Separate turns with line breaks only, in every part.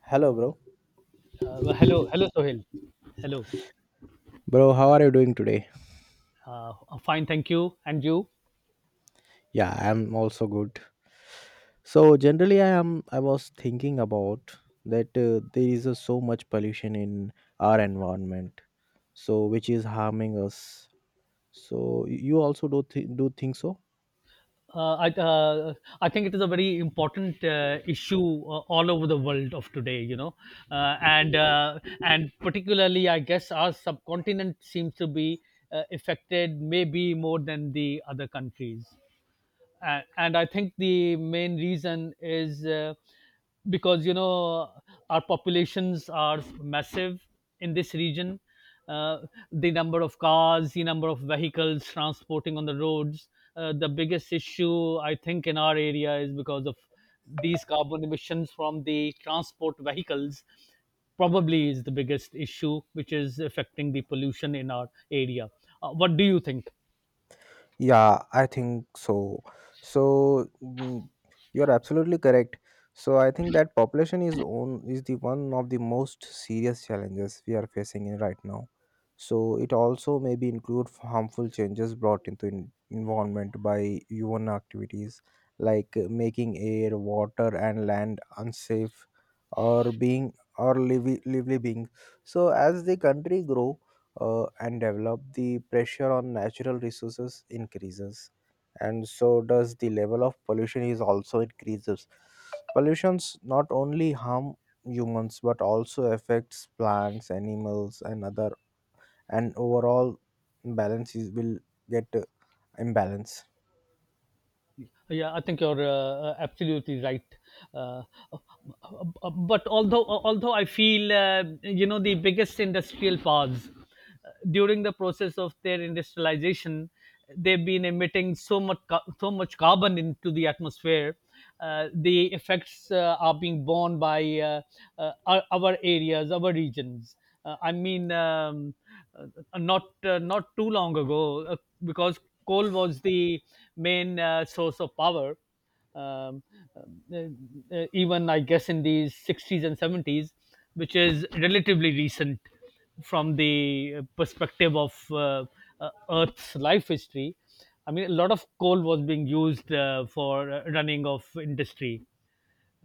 Hello, bro.
Hello, hello, Sohail. Hello.
Bro, how are you doing today?
Uh, Fine, thank you. And you?
Yeah, I'm also good. So generally, I am. I was thinking about that there is so much pollution in our environment, so which is harming us. So you also do think so?
I I think it is a very important issue all over the world of today, and particularly, I guess our subcontinent seems to be affected maybe more than the other countries. And I think the main reason is, because you know our populations are massive in this region. uh, the number of cars, the number of vehicles transporting on the roads, the biggest issue I think in our area is because of these carbon emissions from the transport vehicles, probably is the biggest issue which is affecting the pollution in our area. What do you think?
Yeah, I think so. So you're absolutely correct. So I think that population is the one of the most serious challenges we are facing in right now. So it also maybe include harmful changes brought into environment by human activities like making air, water, and land unsafe, or being or lively lively being. So as the country grow and develop, the pressure on natural resources increases, and so does the level of pollution is also increases. Pollutions not only harm humans but also affects plants, animals, and other, and overall balances will get imbalance.
Yeah, I think you're absolutely right. Uh, uh, but although Although I feel, uh, the biggest industrial powers, during the process of their industrialization, they've been emitting so much so much carbon into the atmosphere. The effects are being borne by our areas, our regions. Uh, I mean. Um, Not, not too long ago, because coal was the main, source of power. um, uh, Even I guess in the 60s and 70s, which is relatively recent from the perspective of earth's life history. I mean a lot of coal was being used for running of industry.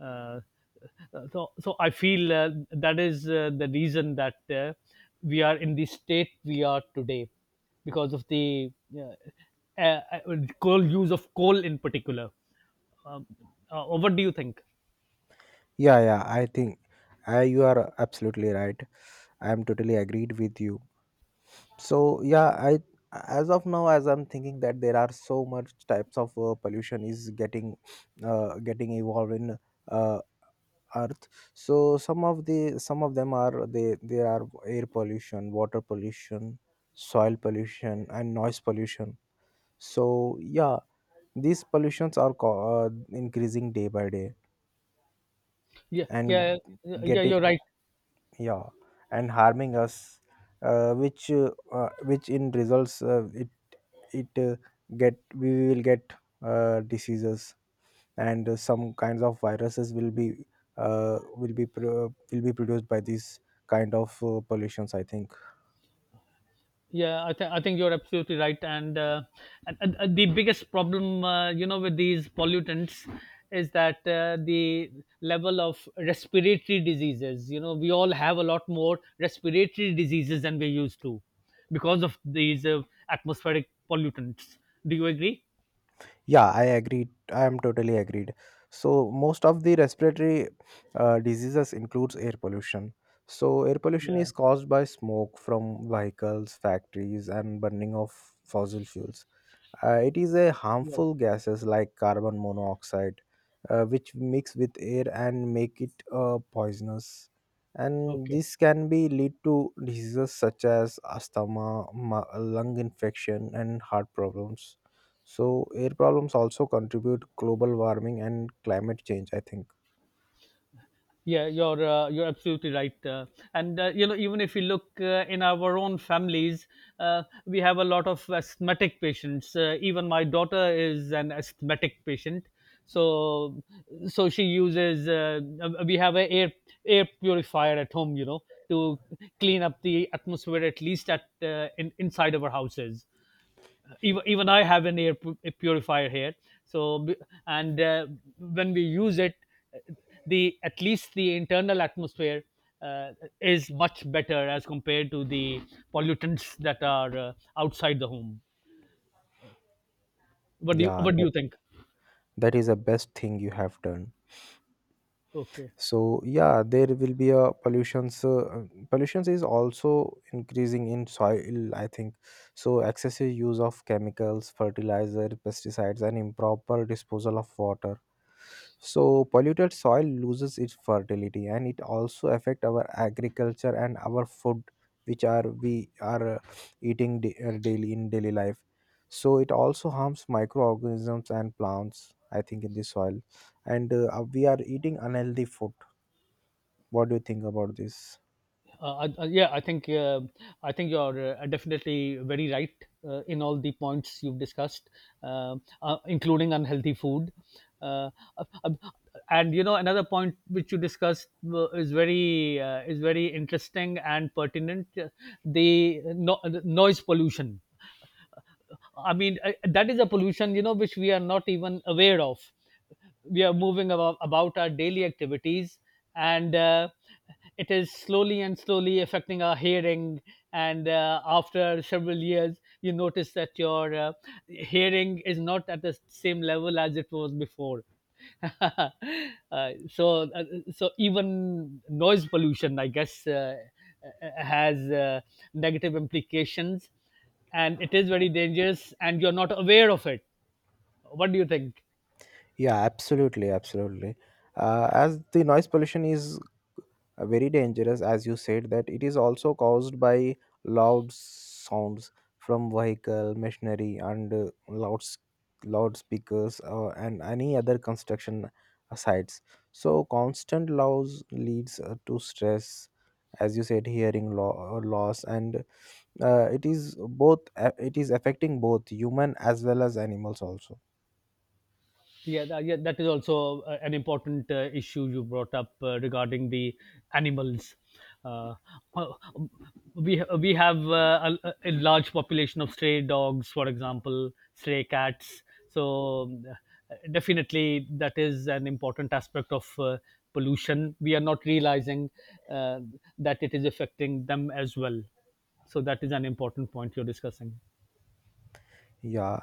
Uh, so so i feel that is the reason that we are in the state we are today, because of the uh, coal use of coal in particular. um, what do you think?
Yeah, I think you are absolutely right. I am totally agreed with you. So yeah, I as of now, as I'm thinking that there are so much types of pollution is getting getting evolved in uh, earth. So some of them are they there are air pollution, water pollution, soil pollution, and noise pollution. So yeah, these pollutions are increasing day by day,
Yeah,
and
yeah, yeah. Yeah,
getting,
you're right.
yeah, and harming us, which in results, it get we will get diseases, and some kinds of viruses will be will be produced by these kind of pollutions, I think.
Yeah, I, I think you're absolutely right. And the biggest problem, with these pollutants, is that the level of respiratory diseases, you know, we all have a lot more respiratory diseases than we used to, because of these atmospheric pollutants. Do you agree?
Yeah, I agree, I am totally agreed. So most of the respiratory diseases includes air pollution. So air pollution
Yeah.
is caused by smoke from vehicles, factories, and burning of fossil fuels. It is a
Yeah.
harmful gases like carbon monoxide, which mix with air and make it poisonous. And
Okay.
this can be lead to diseases such as asthma, lung infection, and heart problems. So air problems also contribute global warming and climate change, I think.
Yeah, you're absolutely right, and you know, even if you look in our own families, we have a lot of asthmatic patients. Even my daughter is an asthmatic patient, so so she uses. We have a air air purifier at home, you know, to clean up the atmosphere at least at inside our houses. Even, even I have an air a purifier here, so b- and when we use it, uh, the at least the internal atmosphere uh, is much better as compared to the pollutants that are outside the home.
Yeah,
What do
that
you think?
that is the best thing you have done.
Okay.
So yeah, there will be a pollutions, pollutions is also increasing in soil, I think. So excessive use of chemicals, fertilizer, pesticides, and improper disposal of water. So polluted soil loses its fertility, and it also affect our agriculture and our food, which are we are daily in daily life. So it also harms microorganisms and plants, I think, in the soil, and we are eating unhealthy food. What do you think about this?
Yeah, I think, I think you're, definitely very right in all the points you've discussed, including unhealthy food. Uh, uh, uh, and you know, another point which you discussed is very, is very interesting and pertinent. The noise pollution. I mean, that is a pollution, you know, which we are not even aware of. We are moving about our daily activities, and it is slowly and slowly affecting our hearing, and after several years you notice that your hearing is not at the same level as it was before. uh, so uh, so even noise pollution I guess, has negative implications, and it is very dangerous and you're not aware of it. What do you think?
Yeah, absolutely, absolutely. As the noise pollution is very dangerous, as you said, that it is also caused by loud sounds from vehicle, machinery, and loudspeakers, and any other construction sites. So, constant loud leads to stress, as you said, hearing loss, and it is affecting both human as well as animals also.
Yeah, that, yeah, that is also an important issue you brought up regarding the animals. Uh, uh, we have a large population of stray dogs, for example, stray cats. So definitely, that is an important aspect of pollution. We are not realizing uh, that it is affecting them as well. So that is an important point you're discussing.
Yeah,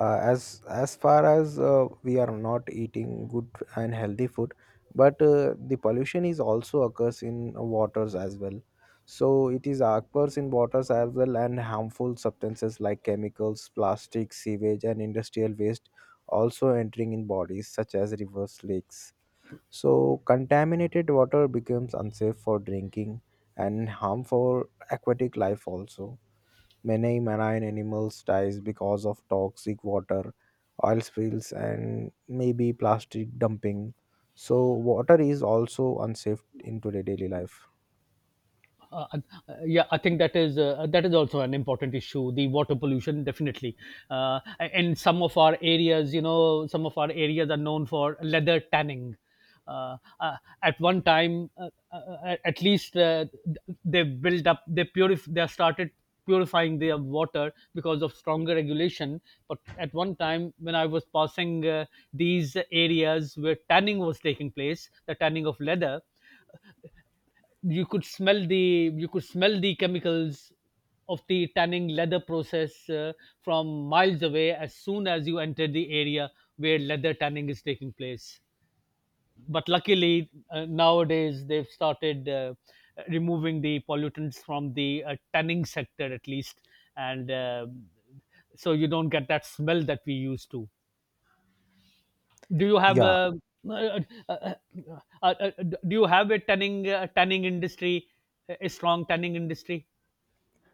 as far as we are not eating good and healthy food, but the pollution is also occurs in waters as well. So it is occurs in waters as well, and harmful substances like chemicals, plastic, sewage, and industrial waste also entering in bodies such as rivers, lakes. So contaminated water becomes unsafe for drinking and harmful aquatic life also. Many marine animals dies because of toxic water, oil spills, and maybe plastic dumping. So water is also unsafe in today daily life.
Uh, uh, yeah, I think that is, that is also an important issue. The water pollution, definitely. Uh, in some of our areas, you know, some of our areas are known for leather tanning. Uh, uh, at one time, at least, they built up, they they started purifying their water because of stronger regulation. But at one time, when I was passing these areas where tanning was taking place, the tanning of leather, you could smell the, you could smell the chemicals of the tanning leather process, from miles away as soon as you enter the area where leather tanning is taking place. But luckily, nowadays they've started removing the pollutants from the tanning sector at least. And So you don't get that smell that we used to. Do you have
Yeah.
a uh, uh, uh, do you have a tanning tanning industry, a strong tanning industry?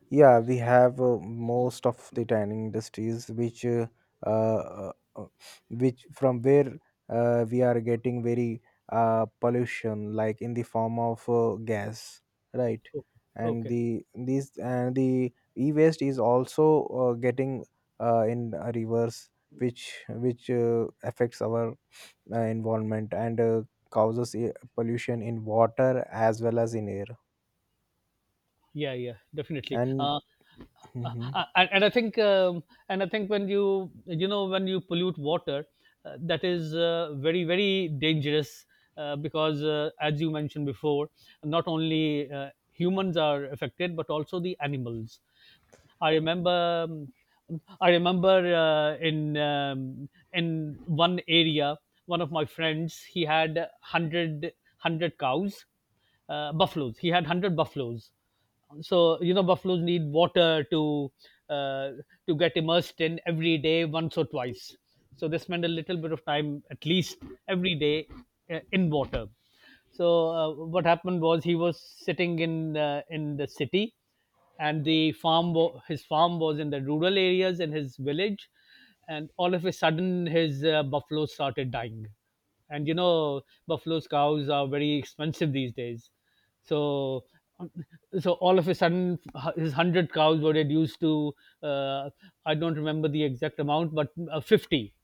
Yeah, we have most of the tanning industries uh, uh, which from where we are getting very pollution like in the form of gas, right?
Okay,
And
okay.
the these and the e-waste is also getting in rivers, which affects our environment and causes pollution in water as well as in air.
Yeah, yeah, definitely.
And
uh, uh,
Mhm.
uh, and, and i think, and I think when you know, when you pollute water, that is very very dangerous, because, as you mentioned before, not only uh, humans are affected but also the animals. I remember, in one area, one of my friends, he had 100 cows, buffaloes. He had 100 buffaloes. So you know, buffaloes need water to, uh, to get immersed in every day, once or twice. So they spend a little bit of time, at least every day, in water. So what happened was he was sitting in the city, and the farm his farm was in the rural areas in his village, and all of a sudden his buffalo started dying. And you know, buffalo's cows are very expensive these days. So um, so all of a sudden his 100 cows were reduced to, uh, I don't remember the exact amount but 50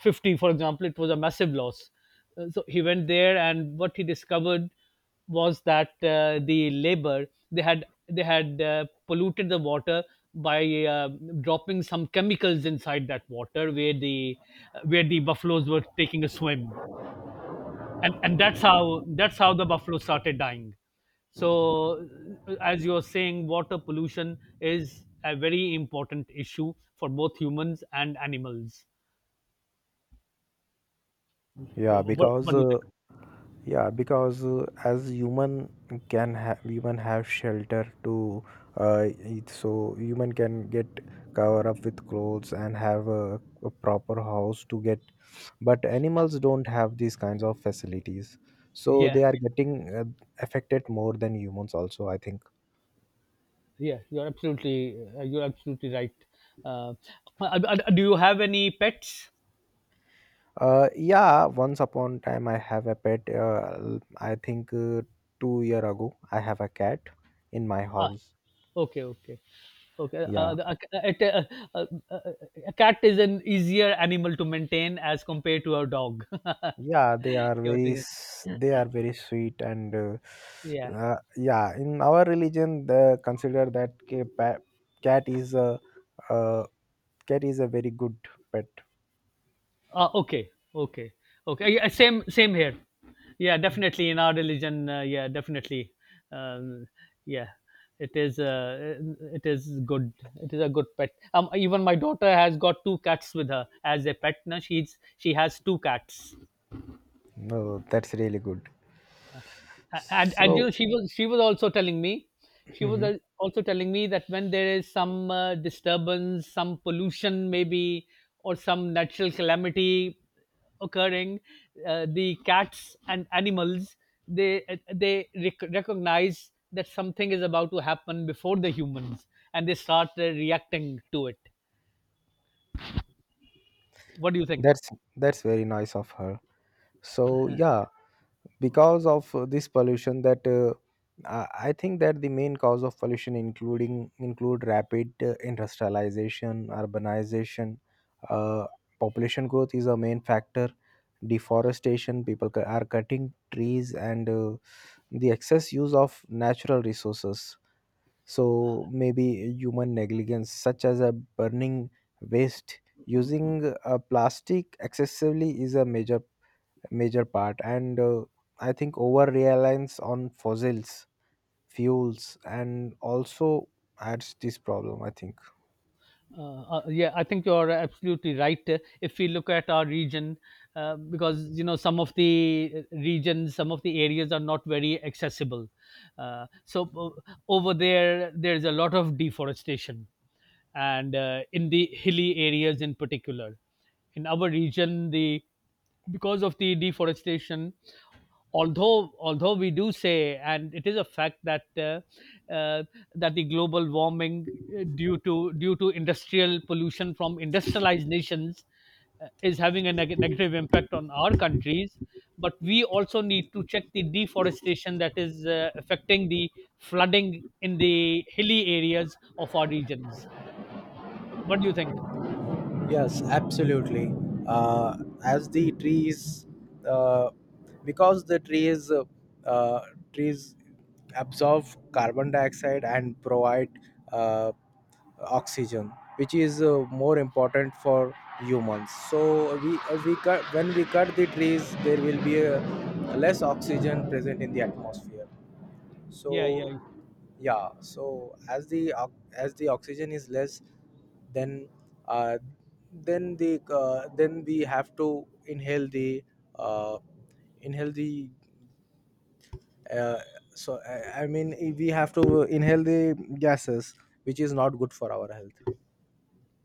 50 for example. It was a massive loss. So he went there and what he discovered was that the labor, they had, they had polluted the water by uh, dropping some chemicals inside that water where the buffaloes were taking a swim. And that's how, that's how the buffalo started dying. So, as you're saying, water pollution is a very important issue for both humans and animals.
Yeah, because
What, do you
yeah, because as human have shelter to eat, so human can get cover up with clothes and have a proper house to get. But animals don't have these kinds of facilities, so
think? Yeah.
they are getting affected more than humans, also, I think.
Yeah, you're absolutely, you're absolutely right. Uh, do you have any pets?
Yeah, once upon time I have a pet. I think 2 year ago I have a cat in my
Ah,
house.
okay, okay, okay.
Yeah,
A, a, a a cat is an easier animal to maintain as compared to a dog. Your thing is-
they are very sweet and
yeah.
yeah, in our religion they consider that cat is a uh, cat is a very good pet.
Okay, okay, okay. Yeah, same, same here. Yeah, definitely in our religion. Yeah, definitely. Um, yeah, it is. It is good. It is a good pet. Even my daughter has got two cats with her as a pet. Now she has two cats.
No, that's really good.
And you
So
know she was, she was also telling me, she was
mhm,
also telling me that when there is some disturbance, some pollution maybe, or some natural calamity occurring, the cats and animals, they they recognize that something is about to happen before the humans, and they start reacting to it. What do you think?
that's that's very nice of her. So yeah, because of this pollution, that I think that the main cause of pollution including include rapid industrialization, urbanization, uh, population growth is a main factor. Deforestation, people are cutting trees, and the excess use of natural resources. So maybe human negligence such as a burning waste, using plastic excessively is a major part, and I think over reliance on fossils fuels and also adds this problem, I think.
Yeah, I think you're absolutely right. If we look at our region, because you know some of the regions, some of the areas are not very accessible. Uh, so Over there, there's a lot of deforestation, and in the hilly areas in particular, in our region, the, because of the deforestation, although, although we do say and it is a fact that, uh, that the global warming, due to industrial pollution from industrialized nations, is having a negative impact on our countries. But we also need to check the deforestation that is affecting the flooding in the hilly areas of our regions. What do you think?
Yes, absolutely. Uh, as the trees, uh, because the trees uh, trees absorb carbon dioxide and provide uh, oxygen, which is more important for humans. So we cut when we cut the trees, there will be a less oxygen present in the atmosphere.
Yeah, yeah,
So
yeah.
yeah, so as as the oxygen is less, then uh, then we have to uh, inhale the uh, so I mean, we have to inhale the gases, which is not good for our health.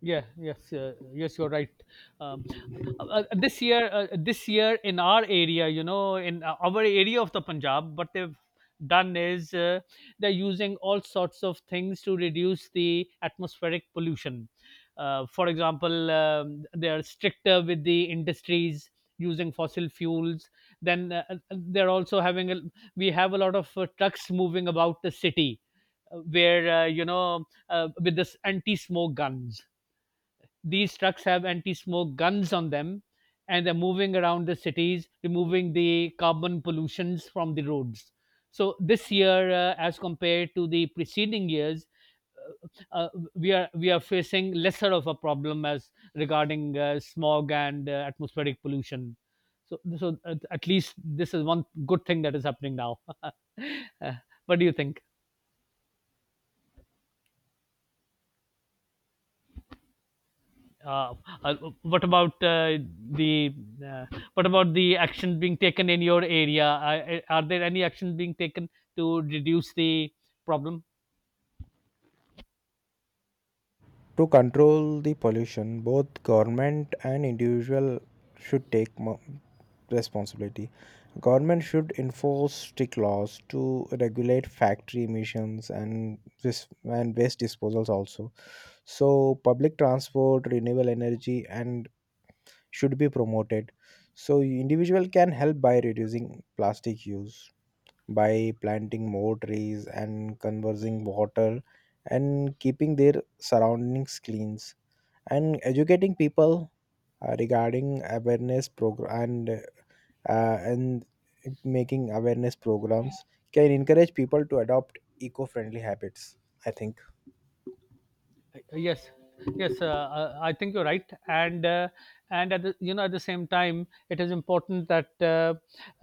Yeah, yes, yes, you're right. Um, this year in our area, you know, in our area of the Punjab, what they've done is, they're using all sorts of things to reduce the atmospheric pollution. For example, they are stricter with the industries using fossil fuels. Then they're also we have a lot of trucks moving about the city, where you know with this anti-smoke guns. These trucks have anti-smoke guns on them, and they're moving around the cities removing the carbon pollutions from the roads. So this year, as compared to the preceding years, we are facing lesser of a problem as regarding smog and atmospheric pollution. So at least this is one good thing that is happening now. Uh, what do you think? Uh, uh, what about the uh, what about the action being taken in your area? Are there any action being taken to reduce the problem?
To control the pollution, both government and individual should take responsibility. Government should enforce strict laws to regulate factory emissions and this and waste disposals also. So public transport, renewable energy, and should be promoted. So individual can help by reducing plastic use, by planting more trees, and conserving water, and keeping their surroundings clean, and educating people regarding awareness program, and uh, and making awareness programs, can encourage people to adopt eco-friendly habits, I think.
Yes. yes uh, I think you're right, and at the, you know, at the same time it is important that uh,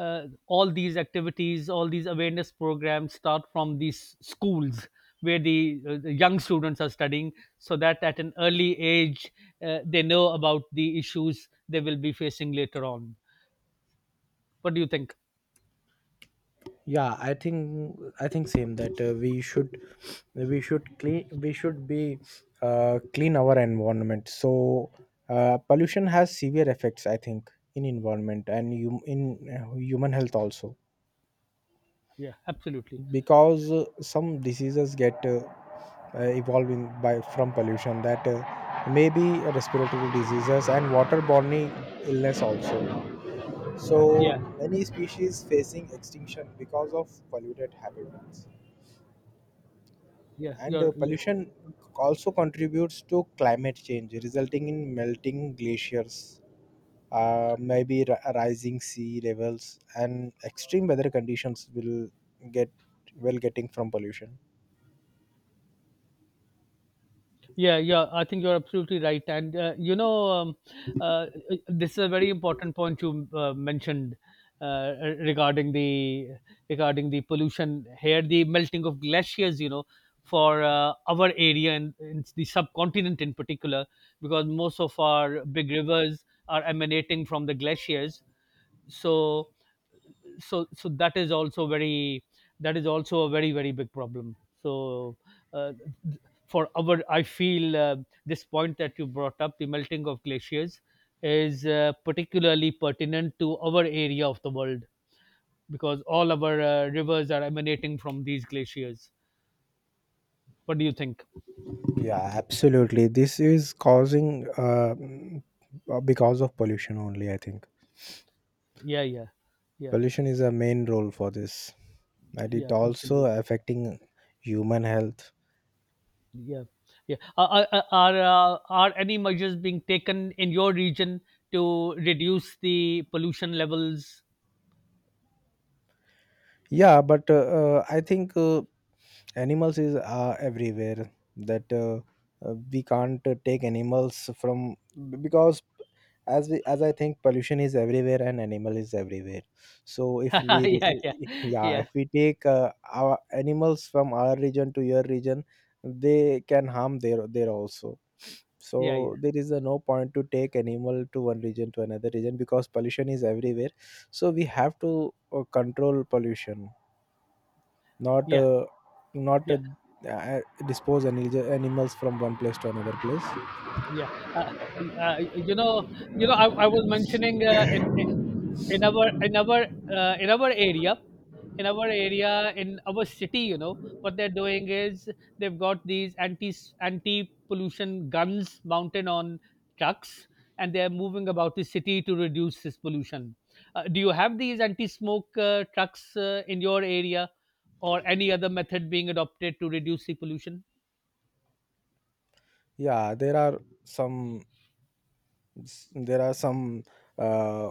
uh, all these activities all these awareness programs start from these schools, where the young students are studying, so that at an early age they know about the issues they will be facing later on. What do you think?
Yeah, I think same, that we should clean, we should be clean our environment. So pollution has severe effects, I think, in environment, and you in human health also,
Yeah, absolutely.
because some diseases get evolving by from pollution, that may be respiratory diseases and waterborne illness also. So
Yeah
many species facing extinction because of polluted habitats,
yeah
and
you're yeah.
pollution also contributes to climate change, resulting in melting glaciers, rising sea levels, and extreme weather conditions will get getting from pollution.
Yeah, yeah, I think you're absolutely right. And uh, this is a very important point you mentioned, uh, regarding the regarding the pollution here, the melting of glaciers. You know, for our area and in the subcontinent in particular, because most of our big rivers are emanating from the glaciers. So so that is also a very, very big problem. so uh, th- for our, I feel, this point that you brought up, the melting of glaciers, is particularly pertinent to our area of the world, because all our rivers are emanating from these glaciers. What do you think?
Yeah, absolutely, this is causing because of pollution only, I think.
yeah yeah yeah
Pollution is a main role for this, and it
yeah,
also
absolutely.
affecting human health.
Yeah, yeah. Are any measures being taken in your region to reduce the pollution levels?
Yeah, but I think animals is everywhere, that we can't take animals from, because as I think pollution is everywhere and animal is everywhere. So if
Yeah,
we
yeah, yeah,
re- yeah,
yeah,
if we take our animals from our region to your region, they can harm there there also.
yeah, yeah,
So there is a no point to take animal to one region to another region, because pollution is everywhere. So we have to control pollution, not
yeah,
not
yeah.
uh, dispose any animals from one place to another place.
Yeah. uh, uh, you know you know, I was mentioning in our in our in our area in our area in our city, you know what they're doing is they've got these anti pollution guns mounted on trucks, and they're moving about the city to reduce this pollution. Do you have these anti smoke trucks in your area, or any other method being adopted to reduce the pollution?
Yeah, there are some, there are some uh,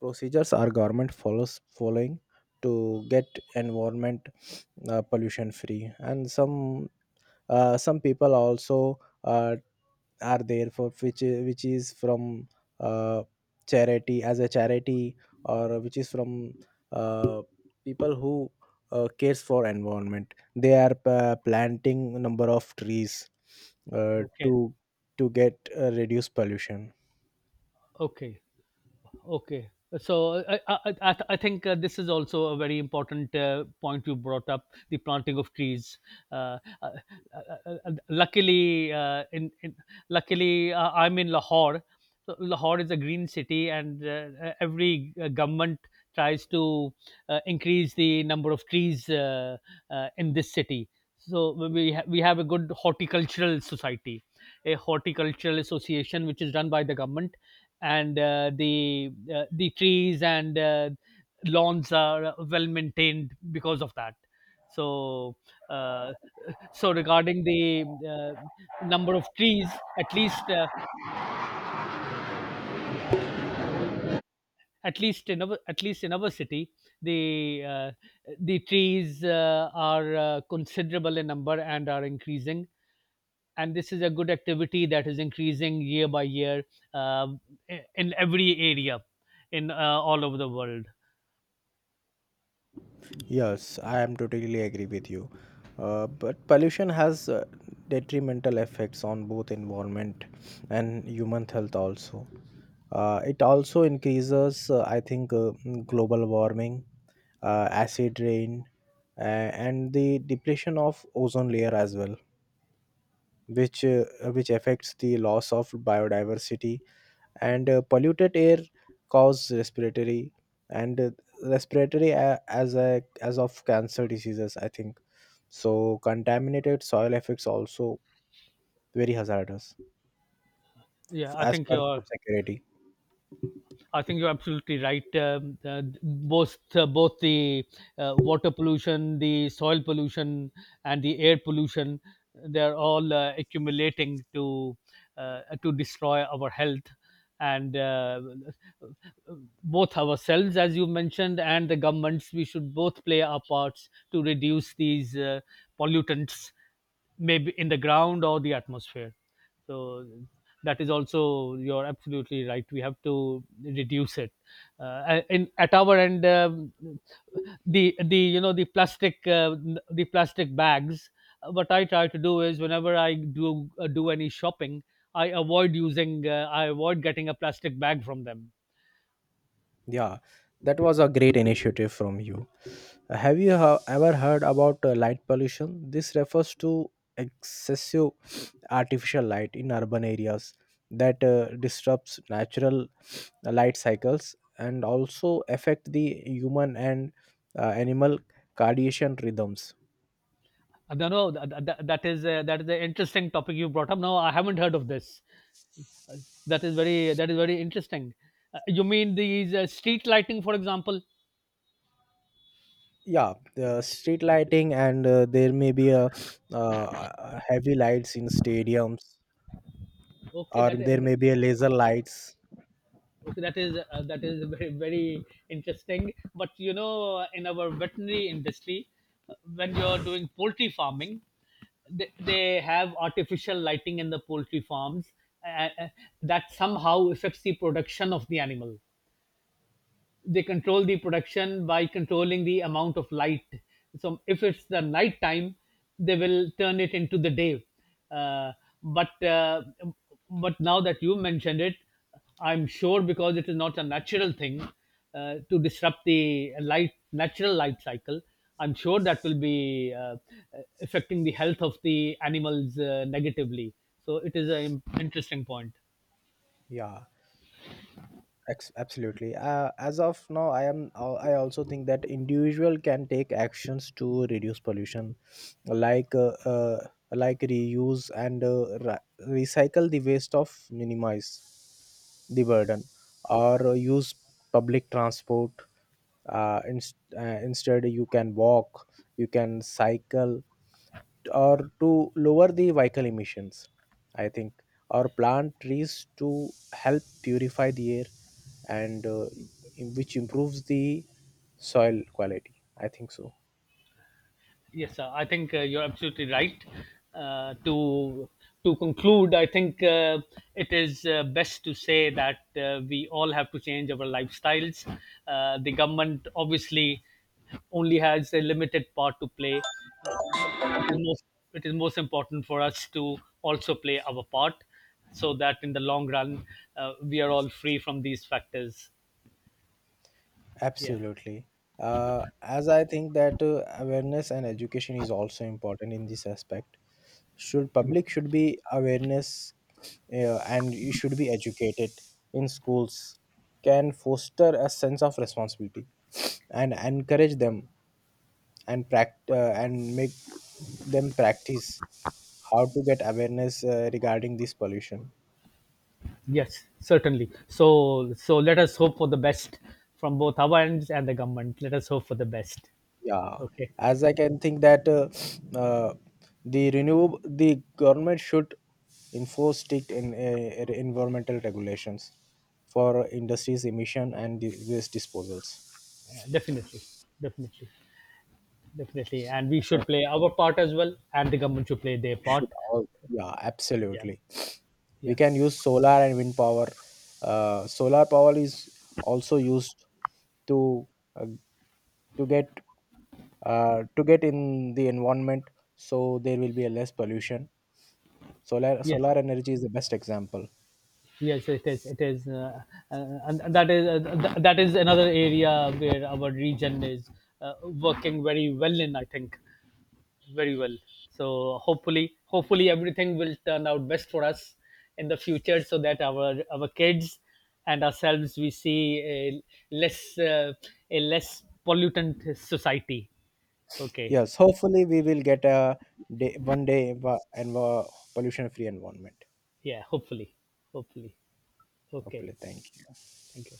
procedures our government follows following to get environment pollution free, and some people also uh, are there, for which which is from uh, charity, as a charity, or which is from uh, people who cares for environment. They are planting number of trees uh,
Okay.
to to get reduce pollution.
Okay. Okay. So I think this is also a very important point you brought up, the planting of trees. Uh, uh, uh, luckily, in Luckily, I'm in Lahore. So Lahore is a green city, and every government tries to increase the number of trees in this city. So we have a good horticultural society, a horticultural association which is run by the government, and the trees and lawns are well maintained because of that. So uh, so regarding the number of trees at least in our at least in our city, the uh, the trees are considerable in number and are increasing, and this is a good activity that is increasing year by year, uh, in every area, in all over the world.
Yes, I am totally agree with you. But pollution has detrimental effects on both environment and human health also. It also increases, I think, global warming, acid rain, and the depletion of ozone layer as well, which which affects the loss of biodiversity, and polluted air cause respiratory and respiratory as a as of cancer diseases, I think. So contaminated soil effects also very hazardous
Yeah,
as per food security.
I think you're absolutely right. Both the water pollution, the soil pollution, and the air pollution, they're all accumulating to destroy our health, and both ourselves, as you mentioned, and the governments. We should both play our parts to reduce these pollutants, maybe in the ground or the atmosphere. So that is also, you're absolutely right, we have to reduce it in, at our end. The, the plastic, the plastic bags. What I try to do is whenever I do do any shopping, I avoid using I avoid getting a plastic bag from them.
Yeah, that was a great initiative from you. Have you ever heard about light pollution? This refers to excessive artificial light in urban areas that disrupts natural light cycles, and also affect the human and animal circadian rhythms.
I don't know. That is that is an interesting topic you brought up. No, I haven't heard of this. Uh, that is very interesting. You mean these street lighting, for example?
Yeah, the street lighting, and there may be a heavy lights in stadiums,
Okay,
or
that uh,
there may be a laser lights.
Okay, that is very, very interesting. But you know, in our veterinary industry, when you're doing poultry farming, they have artificial lighting in the poultry farms, uh, uh, that somehow affects the production of the animal. They control the production by controlling the amount of light. So if it's the night time, they will turn it into the day. Uh, but uh, but now that you mentioned it, I'm sure, because it is not a natural thing to disrupt the light, natural light cycle. I'm sure that will be affecting the health of the animals negatively. So it is an interesting point.
Yeah. Absolutely, as of now I am I also think that individual can take actions to reduce pollution, like uh, uh, like reuse and recycle the waste of minimize the burden, or use public transport, instead you can walk, you can cycle, or to lower the vehicle emissions, I think, or plant trees to help purify the air, and which improves the soil quality, I think so.
Yes, sir. I think you're absolutely right. Uh, to to conclude, I think it is best to say that we all have to change our lifestyles. The government obviously only has a limited part to play. Uh, the- it is most it is most important for us to also play our part, so that in the long run we are all free from these factors. Yeah.
Absolutely. As I think that awareness and education is also important in this aspect. Should public should be awareness, and you should be educated in schools. Can foster a sense of responsibility, and encourage them, and and make them practice how to get awareness regarding this pollution.
Yes, certainly. So, so let us hope for the best from both our ends and the government. Let us hope for the best.
Yeah,
Okay.
as I can think that uh, the government should enforce strict environmental regulations for industries emission and the waste disposals.
Definitely, definitely, definitely. And we
And
should play our part as well, and the government should play their part.
should all, yeah,
Yeah,
absolutely. We
yeah,
can use solar and wind power. Uh, solar power is also used to uh, to get to get in the environment, so there will be a less pollution.
yes,
Solar energy is the best example.
yes. It is, and that is that is another area where our region is working very well in. I think very well. So hopefully, hopefully everything will turn out best for us in the future, so that our kids and ourselves, we see less uh, a less pollutant society. Okay,
Yes, hopefully we will get a day one day env- pollution free environment.
yeah, hopefully, hopefully. Okay,
Hopefully, thank you.
thank you.